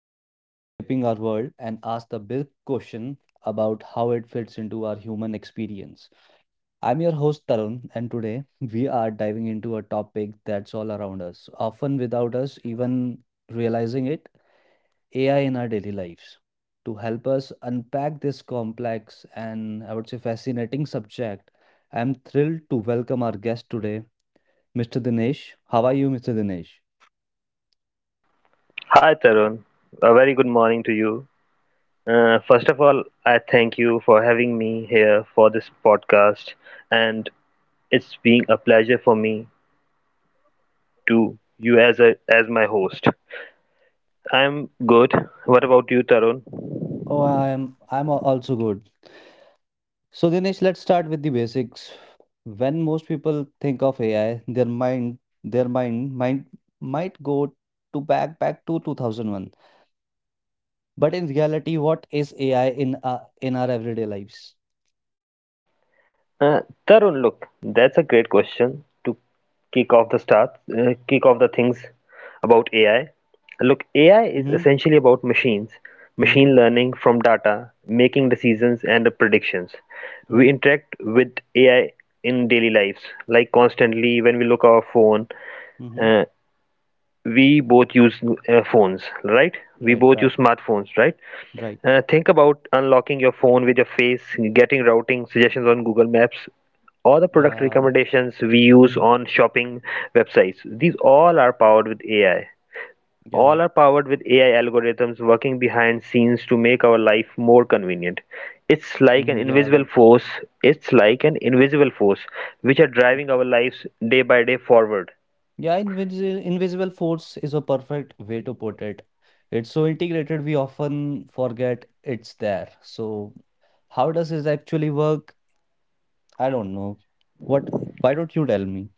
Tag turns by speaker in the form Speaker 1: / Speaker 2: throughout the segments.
Speaker 1: Technology shaping our world and ask the big question about how it fits into our human experience. I'm your host Tarun and today we are diving into a topic that's all around us, often without us even realizing it, AI in our daily lives. To help us unpack this complex and I would say fascinating subject, I'm thrilled to welcome our guest today, Mr. Dinesh. How are you, Mr. Dinesh?
Speaker 2: Hi, Tarun. A very good morning to you. First of all, I thank you for having me here for this podcast, and it's being a pleasure for me to you as my host. I'm good. What about you, Tarun?
Speaker 1: Oh, I'm also good. So Dinesh, let's start with the basics. When most people think of AI, their mind might go to back back to 2001. But in reality, what is AI in our everyday lives?
Speaker 2: Uh, Tarun, look, that's a great question to kick off the start, kick off the things about AI. Look, AI is
Speaker 1: Mm-hmm.
Speaker 2: essentially about
Speaker 1: Mm-hmm.
Speaker 2: machine learning from data, making decisions and predictions.
Speaker 1: Mm-hmm.
Speaker 2: We interact with AI in daily lives, like constantly when we look our phone.
Speaker 1: Mm-hmm.
Speaker 2: uh, we both use uh, phones right we
Speaker 1: Right,
Speaker 2: both use
Speaker 1: right,
Speaker 2: smartphones, right?
Speaker 1: right.
Speaker 2: Think about unlocking your phone with your face, getting routing suggestions on Google Maps, all the product
Speaker 1: Yeah.
Speaker 2: recommendations we use
Speaker 1: Mm-hmm.
Speaker 2: on shopping websites. These all are powered with ai
Speaker 1: Yeah.
Speaker 2: All are powered with AI algorithms working behind scenes to make our life more convenient. it's like an
Speaker 1: Mm-hmm. Yeah,
Speaker 2: invisible
Speaker 1: right.
Speaker 2: force it's like an invisible force which are driving our lives day by day forward.
Speaker 1: Yeah, invisible force is a perfect way to put it. It's so integrated, we often forget it's there. So, how does this actually work? I don't know. What? Why don't you tell me?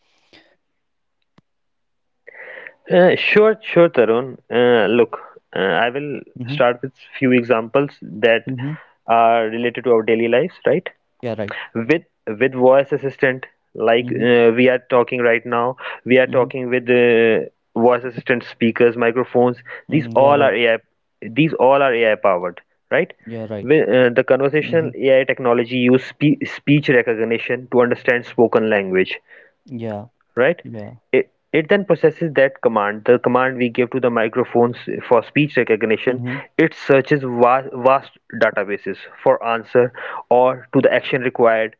Speaker 2: Sure, sure, Tarun. Look, I will
Speaker 1: Mm-hmm.
Speaker 2: start with few examples that
Speaker 1: Mm-hmm.
Speaker 2: are related to our daily lives, right?
Speaker 1: Yeah, right.
Speaker 2: With with voice assistant, like,
Speaker 1: Mm-hmm.
Speaker 2: we are talking right now, we are
Speaker 1: Mm-hmm.
Speaker 2: talking with, voice assistant speakers, microphones.
Speaker 1: Mm, yeah,
Speaker 2: These
Speaker 1: right.
Speaker 2: all are AI. These all are AI powered, right?
Speaker 1: Yeah, right.
Speaker 2: With the
Speaker 1: Mm-hmm.
Speaker 2: conversational AI technology use speech recognition to understand spoken language,
Speaker 1: Yeah.
Speaker 2: right?
Speaker 1: Yeah.
Speaker 2: It then processes that command, the command we give to the microphones for speech recognition.
Speaker 1: Mm-hmm.
Speaker 2: It searches vast, vast databases for answer or to the action required,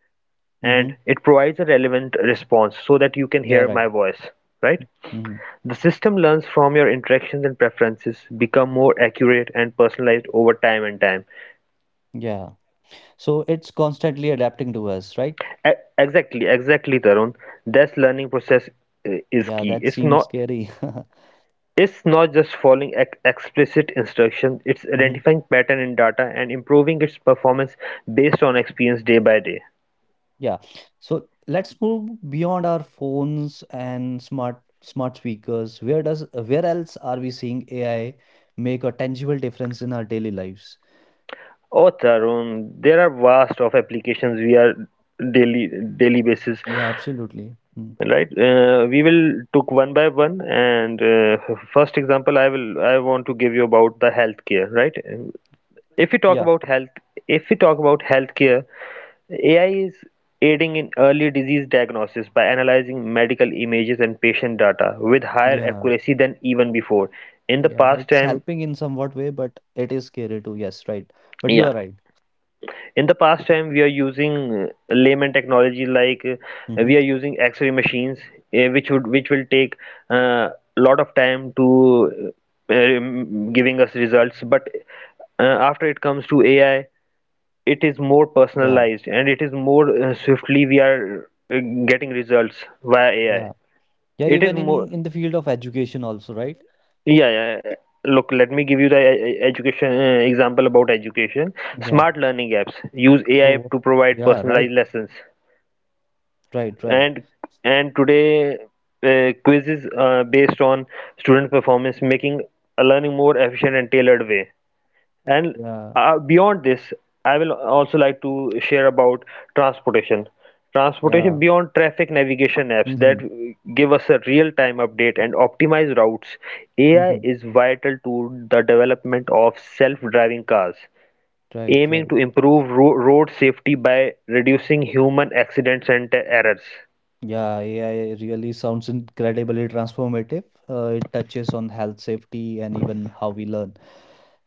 Speaker 1: Mm-hmm.
Speaker 2: and it provides a relevant response so that you can
Speaker 1: Yeah,
Speaker 2: hear
Speaker 1: right.
Speaker 2: my voice, right?
Speaker 1: Mm-hmm.
Speaker 2: The system learns from your interactions and preferences, become more accurate and personalized over time and time.
Speaker 1: Yeah. So it's constantly adapting to us, right?
Speaker 2: Exactly, exactly, Tarun. This learning process is
Speaker 1: Yeah,
Speaker 2: key.
Speaker 1: that seems scary.
Speaker 2: It's not just following explicit instructions, it's
Speaker 1: Mm-hmm.
Speaker 2: identifying pattern in data and improving its performance based on experience day by day.
Speaker 1: Yeah. So let's move beyond our phones and smart speakers. Where else are we seeing AI make a tangible difference in our daily lives?
Speaker 2: Oh, Tarun, there are vast of applications we are daily daily basis,
Speaker 1: Yeah, absolutely. Mm.
Speaker 2: right? We will took one by one, and first example I want to give you about the healthcare, right? if we talk
Speaker 1: Yeah.
Speaker 2: about health If we talk about healthcare, AI is aiding in early disease diagnosis by analyzing medical images and patient data with higher
Speaker 1: Yeah.
Speaker 2: accuracy than even before in the
Speaker 1: Yeah.
Speaker 2: past
Speaker 1: It's
Speaker 2: time.
Speaker 1: helping in somewhat way, but it is scary too. Yes, right. But you are
Speaker 2: Yeah,
Speaker 1: right.
Speaker 2: in the past time we are using, layman technology, like,
Speaker 1: Mm-hmm.
Speaker 2: we are using X-ray machines, which will take a lot of time to, giving us results, but after it comes to AI, it is more
Speaker 1: Yeah.
Speaker 2: personalized, and it is more, swiftly we are, getting results via
Speaker 1: Yeah.
Speaker 2: AI.
Speaker 1: Yeah,
Speaker 2: It is
Speaker 1: even in
Speaker 2: more
Speaker 1: in the field of education also, right?
Speaker 2: Yeah, yeah, yeah. Look, let me give you the e- e- education example about education.
Speaker 1: Yeah.
Speaker 2: Smart learning apps use AI
Speaker 1: Oh,
Speaker 2: to provide
Speaker 1: yeah, right.
Speaker 2: personalized lessons,
Speaker 1: Right, right.
Speaker 2: and and today, quizzes based on student performance, making a learning more efficient and tailored way. And
Speaker 1: Yeah.
Speaker 2: beyond this, I will also like to share about transportation
Speaker 1: Yeah.
Speaker 2: transportation. Beyond traffic navigation apps
Speaker 1: Mm-hmm.
Speaker 2: that give us a real time update and optimize routes, AI
Speaker 1: Mm-hmm.
Speaker 2: is vital to the development of self driving cars,
Speaker 1: Right,
Speaker 2: aiming to
Speaker 1: right.
Speaker 2: improve road safety by reducing human accidents and errors,
Speaker 1: Yeah, AI really sounds incredibly transformative. It touches on health, safety, and even how we learn.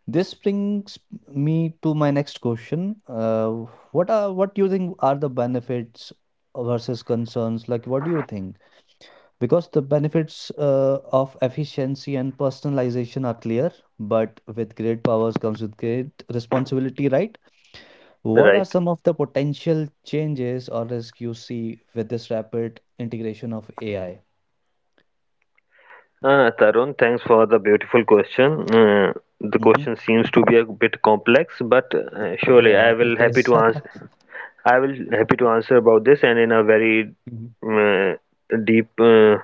Speaker 1: This brings me to my next question. What do you think are the benefits versus concerns? Like, what do you think? Because the benefits of efficiency and personalization are clear, but with great powers comes with great responsibility, right? What are
Speaker 2: right?
Speaker 1: some of the potential changes or risks you see with this rapid integration of AI?
Speaker 2: Tarun, thanks for the beautiful question. The
Speaker 1: Mhm.
Speaker 2: question seems to be a bit complex, but surely
Speaker 1: Yeah,
Speaker 2: I
Speaker 1: it
Speaker 2: will happy
Speaker 1: is.
Speaker 2: to answer. I will happy to answer about this and in a very
Speaker 1: Mhm.
Speaker 2: uh, deep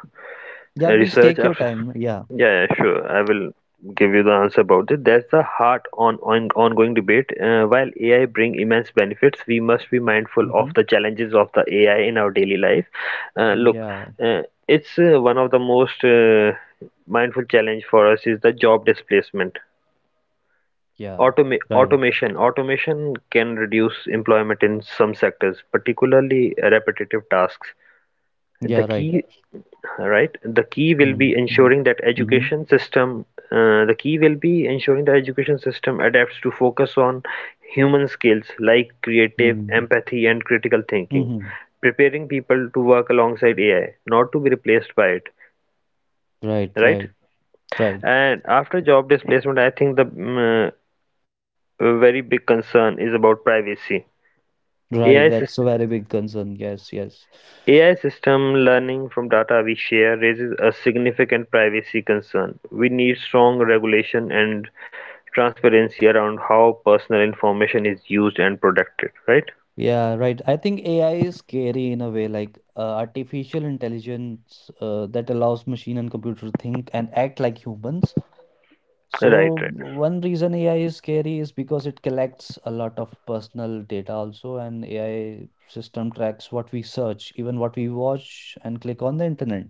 Speaker 1: Yeah, please take
Speaker 2: research
Speaker 1: your
Speaker 2: after.
Speaker 1: time. Yeah.
Speaker 2: Yeah, yeah, sure. I will give you the answer about it. That's the heart on ongoing debate. While AI bring immense benefits, we must be mindful of
Speaker 1: Mhm.
Speaker 2: the challenges of the AI in our daily life. Look,
Speaker 1: Yeah.
Speaker 2: uh, it's one of the most mindful challenge for us is the job displacement.
Speaker 1: Yeah. Right.
Speaker 2: Automation. Automation can reduce employment in some sectors, particularly repetitive tasks.
Speaker 1: Yeah,
Speaker 2: The
Speaker 1: right.
Speaker 2: key, right? The key will
Speaker 1: Mhm.
Speaker 2: be
Speaker 1: Mhm.
Speaker 2: ensuring that
Speaker 1: Mhm.
Speaker 2: education system. The key will be ensuring that education system adapts to focus on human skills like creative,
Speaker 1: Mhm.
Speaker 2: empathy, and critical thinking,
Speaker 1: Mhm.
Speaker 2: preparing people to work alongside AI, not to be replaced by it,
Speaker 1: Right,
Speaker 2: right?
Speaker 1: right, right,
Speaker 2: And after job displacement, I think the very big concern is about privacy.
Speaker 1: right.
Speaker 2: AI
Speaker 1: That's a
Speaker 2: sys-
Speaker 1: very big concern. Yes, yes.
Speaker 2: AI system learning from data we share raises a significant privacy concern. We need strong regulation and transparency around how personal information is used and protected, right?
Speaker 1: Yeah, right. I think AI is scary in a way, like artificial intelligence that allows machine and computer to think and act like humans.
Speaker 2: Right,
Speaker 1: So
Speaker 2: right.
Speaker 1: one reason AI is scary is because it collects a lot of personal data also, and AI system tracks what we search, even what we watch and click on the internet.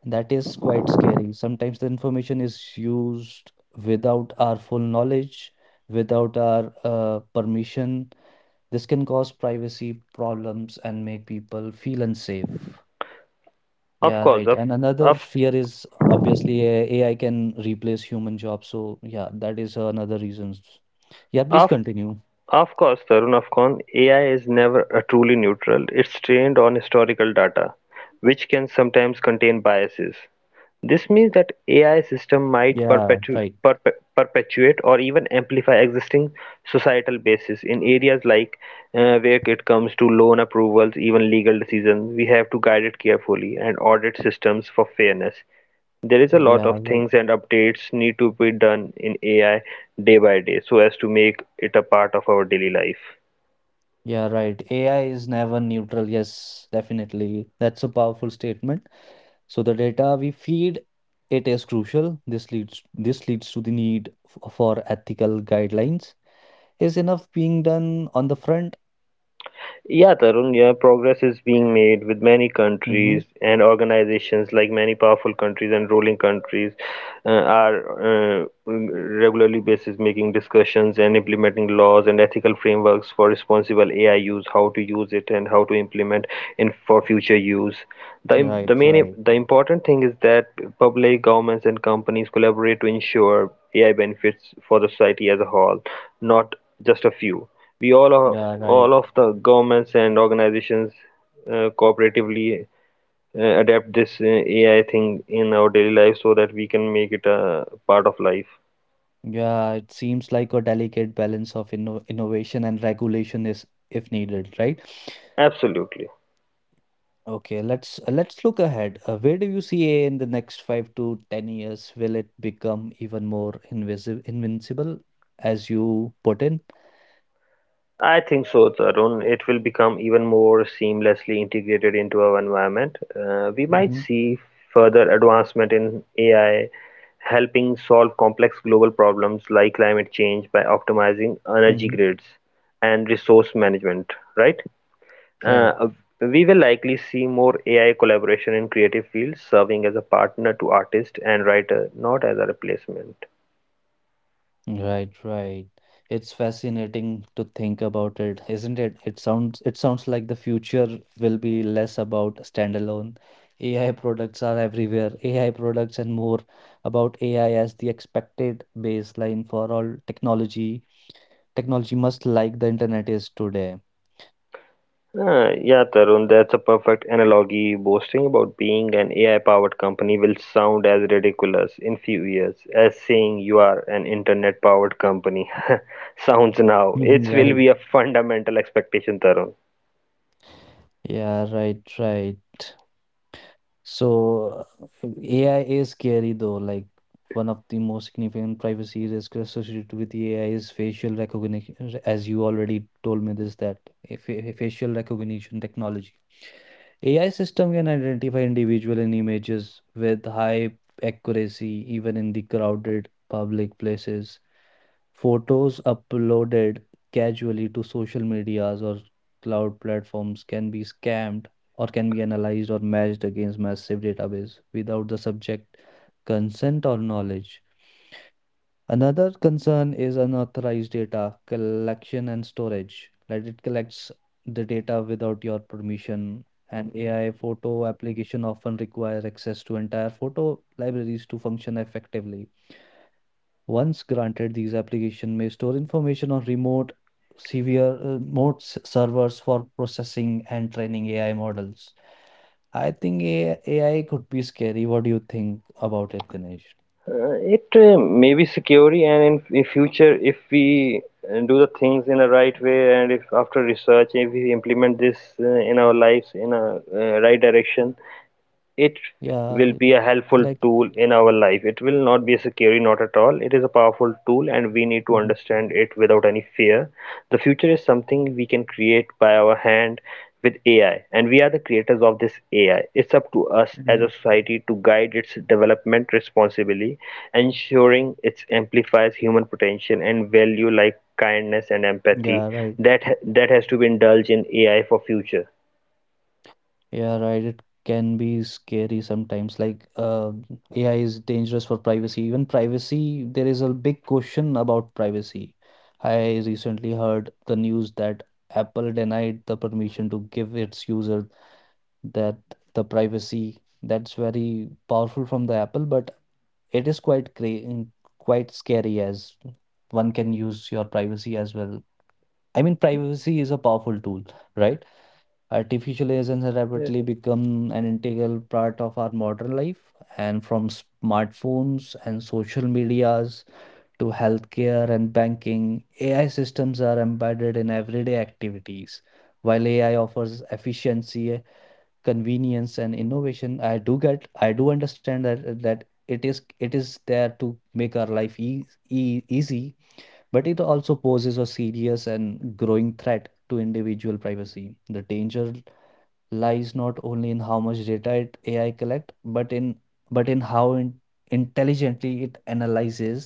Speaker 1: That is quite scary. Sometimes the information is used without our full knowledge, without our permission. This can cause privacy problems and make people feel unsafe.
Speaker 2: Of
Speaker 1: Yeah,
Speaker 2: course,
Speaker 1: right. And another
Speaker 2: of
Speaker 1: fear is obviously AI can replace human jobs. So yeah, that is another reasons. Yeah, please
Speaker 2: Of
Speaker 1: continue.
Speaker 2: of course, Tarun, of course, AI is never a truly neutral. It's trained on historical data, which can sometimes contain biases. This means that AI system might
Speaker 1: Yeah, right.
Speaker 2: perpetuate or even amplify existing societal bases in areas like, where it comes to loan approvals, even legal decisions. We have to guide it carefully and audit systems for fairness. There is a
Speaker 1: Yeah,
Speaker 2: lot of
Speaker 1: right.
Speaker 2: things and updates need to be done in AI day by day so as to make it a part of our daily life.
Speaker 1: Yeah, right. AI is never neutral. Yes, definitely. That's a powerful statement. So the data we feed, it is crucial. This leads to the need for ethical guidelines. Is enough being done on the front?
Speaker 2: Yeah, Tarun, yeah, progress is being made with many
Speaker 1: Mm-hmm.
Speaker 2: countries and organizations, like many powerful countries and ruling countries are regularly basis making discussions and implementing laws and ethical frameworks for responsible AI use, how to use it and how to implement in for future use. The,
Speaker 1: Right,
Speaker 2: the main
Speaker 1: right.
Speaker 2: the important thing is that public governments and companies collaborate to ensure AI benefits for the society as a whole, not just a few. We all are
Speaker 1: Yeah, right.
Speaker 2: all of the governments and organizations cooperatively adapt this AI thing in our daily life so that we can make it a part of life.
Speaker 1: Yeah, it seems like a delicate balance of innovation and regulation is if needed, right?
Speaker 2: Absolutely.
Speaker 1: Okay, let's look ahead. Where do you see AI in the next 5 to 10 years? Will it become even more invisible, invincible, as you put in?
Speaker 2: I think so, Tarun. It will become even more seamlessly integrated into our environment. We might
Speaker 1: Mm-hmm.
Speaker 2: see further advancement in AI helping solve complex global problems like climate change by optimizing energy
Speaker 1: Mm-hmm.
Speaker 2: grids and resource management, right?
Speaker 1: Right.
Speaker 2: Uh, uh, we will likely see more AI collaboration in creative fields, serving as a partner to artists and writer, not as a replacement.
Speaker 1: Right, right. It's fascinating to think about it, isn't it? It sounds like the future will be less about standalone. AI products are everywhere. AI products and more about AI as the expected baseline for all technology. Technology must like the internet is today.
Speaker 2: Yeah, Tarun, that's a perfect analogy. Boasting about being an AI-powered company will sound as ridiculous in few years as saying you are an internet-powered company. Sounds now. It
Speaker 1: Right.
Speaker 2: will be a fundamental expectation, Tarun.
Speaker 1: Yeah, right, right. So AI is scary though. Like one of the most significant privacy risks associated with the AI is facial recognition. As you already told me this, that a facial recognition technology. AI system can identify individual in images with high accuracy, even in the crowded public places. Photos uploaded casually to social medias or cloud platforms can be scammed or can be analyzed or matched against massive database without the subject consent or knowledge. Another concern is unauthorized data collection and storage, that it collects the data without your permission. And AI photo application often requires access to entire photo libraries to function effectively. Once granted, these applications may store information on remote servers for processing and training AI models. I think AI could be scary. What do you think about it, Dinesh?
Speaker 2: It may be security, and in future, if we do the things in the right way, and if after research, if we implement this in our lives in a right direction, it will
Speaker 1: Yeah,
Speaker 2: be a helpful
Speaker 1: like,
Speaker 2: tool in our life. It will not be a security, not at all. It is a powerful tool, and we need to
Speaker 1: Mhm,
Speaker 2: understand it without any fear. The future is something we can create by our hand, with AI, and we are the creators of this AI. It's up to us as
Speaker 1: mhm.
Speaker 2: a society to guide its development responsibly, ensuring it amplifies human potential and value like kindness and
Speaker 1: Yeah,
Speaker 2: empathy
Speaker 1: right.
Speaker 2: that that has to be indulged in AI for future.
Speaker 1: Yeah, right. It can be scary sometimes. AI is dangerous for privacy. Even privacy, there is a big question about privacy. I recently heard the news that Apple denied the permission to give its user that the privacy. That's very powerful from the Apple, but it is quite scary as one can use your privacy as well. I mean, privacy is a powerful tool, right? Artificial intelligence has rapidly become an integral part of our modern life, and from smartphones and social medias to healthcare and banking, AI systems are embedded in everyday activities. While AI offers efficiency, convenience, and innovation, I do understand that it is there to make our life easy, but it also poses a serious and growing threat to individual privacy. The danger lies not only in how much data it AI collect, but in how intelligently it analyzes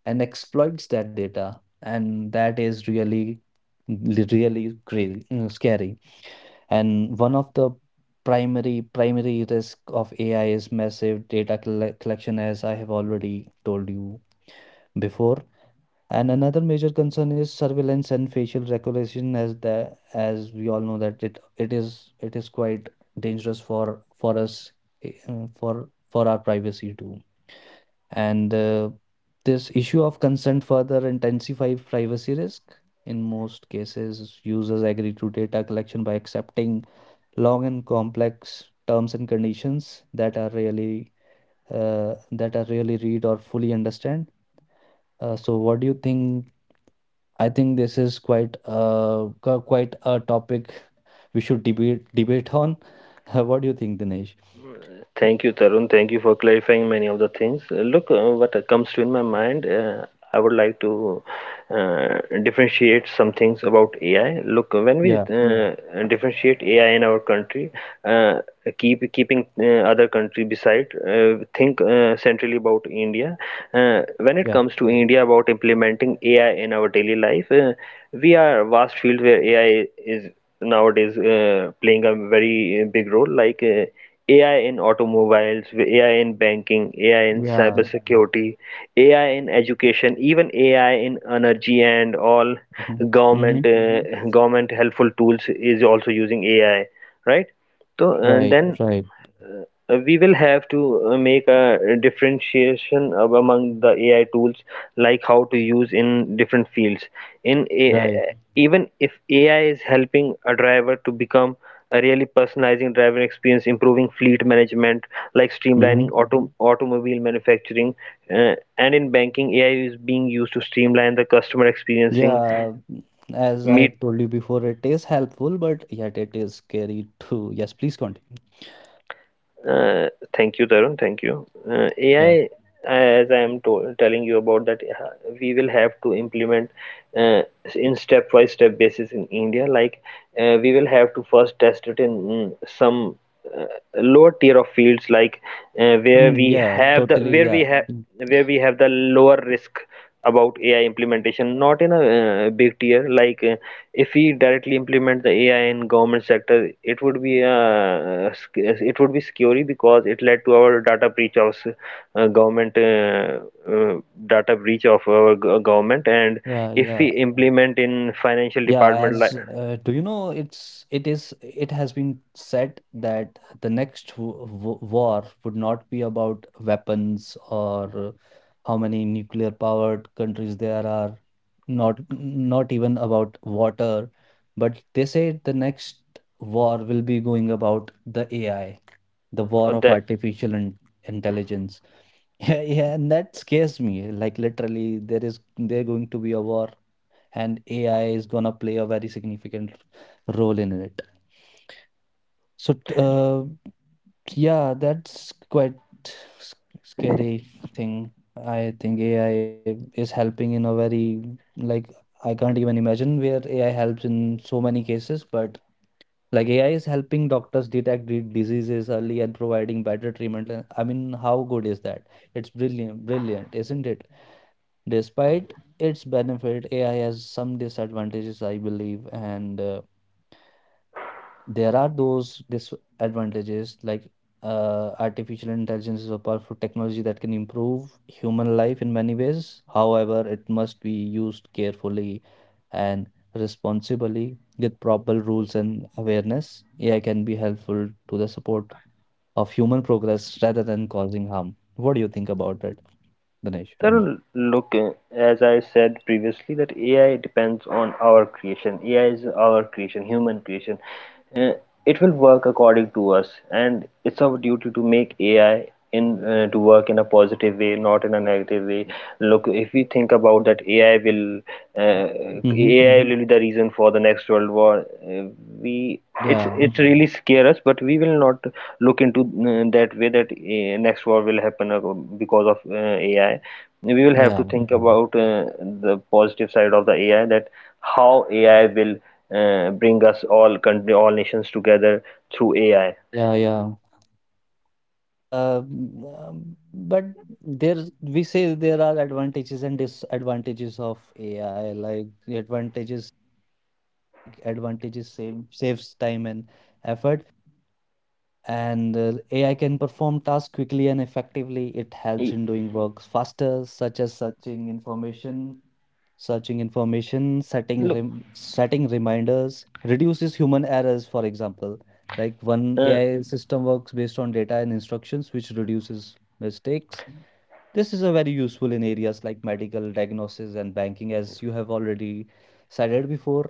Speaker 1: and exploits that data, and that is really really crazy, scary. And one of the primary risk of AI is massive data collection, as I have already told you before. And another major concern is surveillance and facial recognition, as we all know that it is quite dangerous for us for our privacy too. And this issue of consent further intensifies privacy risk. In most cases, users agree to data collection by accepting long and complex terms and conditions that are really read or fully understand. So, what do you think? I think this is quite a topic we should debate on. What do you think, Dinesh?
Speaker 2: Thank you, Tarun. Thank you for clarifying many of the things. Look, what comes to in my mind, I would like to uh, differentiate some things about AI. Look, when we
Speaker 1: Yeah,
Speaker 2: differentiate AI in our country, uh, keeping other country beside, think centrally about India. When
Speaker 1: yeah,
Speaker 2: it comes to India about implementing AI in our daily life, we are a vast field where AI is nowadays playing a very big role. Like, AI in automobiles, AI in banking, AI in
Speaker 1: yeah.
Speaker 2: cybersecurity, AI in education, even AI in energy, and all
Speaker 1: Mm-hmm. Mm-hmm.
Speaker 2: government uh, government helpful tools is also using AI, right? So
Speaker 1: Right,
Speaker 2: then.
Speaker 1: right,
Speaker 2: Mhm. We will have to make a differentiation among the AI tools, like how to use in different fields.
Speaker 1: right.
Speaker 2: Even if AI is helping a driver to become a really personalizing driver experience, improving fleet management, like
Speaker 1: Mm-hmm.
Speaker 2: streamlining automobile manufacturing, and in banking, AI is being used to streamline the customer experiencing,
Speaker 1: Yeah, as I
Speaker 2: meet.
Speaker 1: told you before, it is helpful, but yet it is scary too. Yes, please continue.
Speaker 2: Uh, Thank you, Tarun. Thank you.
Speaker 1: Yeah.
Speaker 2: AI, as I am told, telling you about that, we will have to implement uh, in step-by-step basis in India. Like, we will have to first test it in some uh, lower tier of fields, like, uh, where
Speaker 1: Mm,
Speaker 2: we
Speaker 1: yeah,
Speaker 2: have the
Speaker 1: totally.
Speaker 2: where
Speaker 1: Yeah.
Speaker 2: we have
Speaker 1: Mm,
Speaker 2: where we have the lower risk about AI implementation, not in a big tier. Like, if we directly implement the AI in government sector, it would be scary because it led to our data breach of government, uh, data breach of our government. And
Speaker 1: Yeah,
Speaker 2: if
Speaker 1: yeah.
Speaker 2: we implement in financial
Speaker 1: Yeah,
Speaker 2: department,
Speaker 1: as
Speaker 2: like,
Speaker 1: do you know, it's it is it has been said that the next w w war would not be about weapons or how many nuclear powered countries there are, not even about water, but they say the next war will be going about the AI, the war of
Speaker 2: the
Speaker 1: artificial in intelligence. Yeah, yeah, and that scares me. Like literally, there going to be a war and AI is gonna play a very significant role in it. So, yeah, that's quite s- scary thing. I think AI is helping in a very like I can't even imagine where AI helps in so many cases, but like AI is helping doctors detect diseases early and providing better treatment. I mean, how good is that? It's brilliant, brilliant, isn't it? Despite its benefit, AI has some disadvantages, I believe, and there are those disadvantages like artificial intelligence is a powerful technology that can improve human life in many ways. However, it must be used carefully and responsibly with proper rules and awareness. AI can be helpful to the support of human progress rather than causing harm. What do you think about it, Ganesh?
Speaker 2: Tarun, look, as I said previously, that AI depends on our creation. AI is our creation, human creation. Uh, it will work according to us, and it's our duty to make AI in to work in a positive way, not in a negative way. Look, if we think about that, AI will
Speaker 1: Yeah.
Speaker 2: uh,
Speaker 1: Mm-hmm.
Speaker 2: AI will be the reason for the next world war. We it's
Speaker 1: Yeah.
Speaker 2: it's really scare us, but we will not look into, that way that, next war will happen, because of AI. We will have to
Speaker 1: Yeah.
Speaker 2: think about, the positive side of the AI, that how AI will bring us all country all nations together through AI.
Speaker 1: Yeah. Yeah. But there we say there are advantages and disadvantages of AI. Like the advantages, like advantages saves time and effort, and AI can perform tasks quickly and effectively. It helps in
Speaker 2: Y-
Speaker 1: doing works faster, such as searching information searching information, setting
Speaker 2: Look,
Speaker 1: rem setting reminders reduces human errors, for example. Like one
Speaker 2: uh,
Speaker 1: AI system works based on data and instructions, which reduces mistakes. This is a very useful in areas like medical, diagnosis, and banking, as you have already cited before.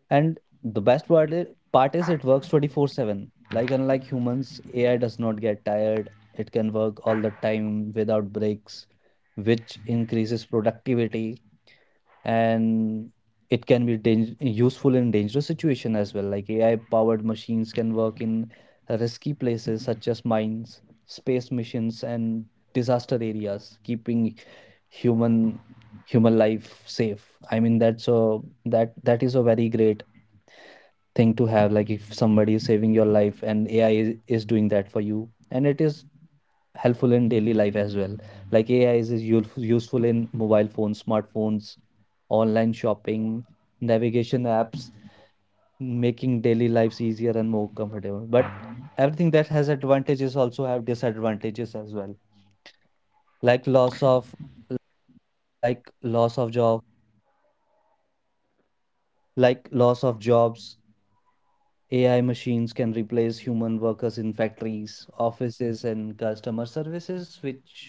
Speaker 1: And the best part is it works 24/7. Like unlike humans, AI does not get tired. It can work all the time without breaks, which increases productivity and it can be useful in dangerous situation as well. Like AI powered machines can work in risky places such as mines, space missions, and disaster areas, keeping human human life safe. I mean, that is a very great thing to have. Like if somebody is saving your life and AI is doing that for you, and it is helpful in daily life as well. Like AI is useful in mobile phones, smartphones, online shopping, navigation apps, making daily lives easier and more comfortable. But everything that has advantages also have disadvantages as well. Like loss of like loss of job, like loss of jobs, AI machines can replace human workers in factories, offices, and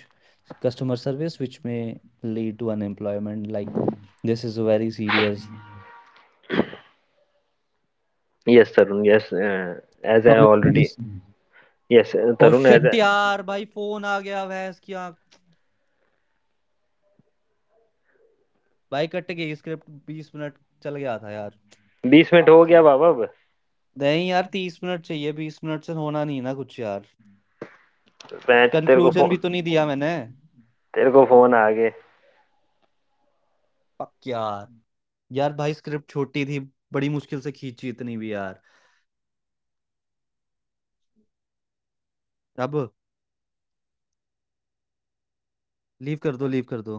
Speaker 1: customer service, which may lead to unemployment. Like this is very serious.
Speaker 2: yes, Tarun, as I
Speaker 1: knowledge
Speaker 2: already
Speaker 1: please
Speaker 2: yes
Speaker 1: oh
Speaker 2: Tarun as
Speaker 1: shit
Speaker 2: I
Speaker 1: यार भाई phone आ गया भैंस की आंख भाई cut गई script बीस minute चल गया था यार
Speaker 2: 20 मिनट
Speaker 1: पक
Speaker 2: हो
Speaker 1: गया
Speaker 2: गया
Speaker 1: है।
Speaker 2: बाबा अब
Speaker 1: नहीं यार तीस मिनट चाहिए बीस मिनट से होना नहीं ना कुछ यार
Speaker 2: मैं तेरे को
Speaker 1: कंक्लूजन भी
Speaker 2: फोन
Speaker 1: तो नहीं दिया मैंने
Speaker 2: तेरे को फोन आ गए
Speaker 1: पक यार यार भाई स्क्रिप्ट छोटी थी बड़ी मुश्किल से खींची इतनी भी यार अब लीव कर दो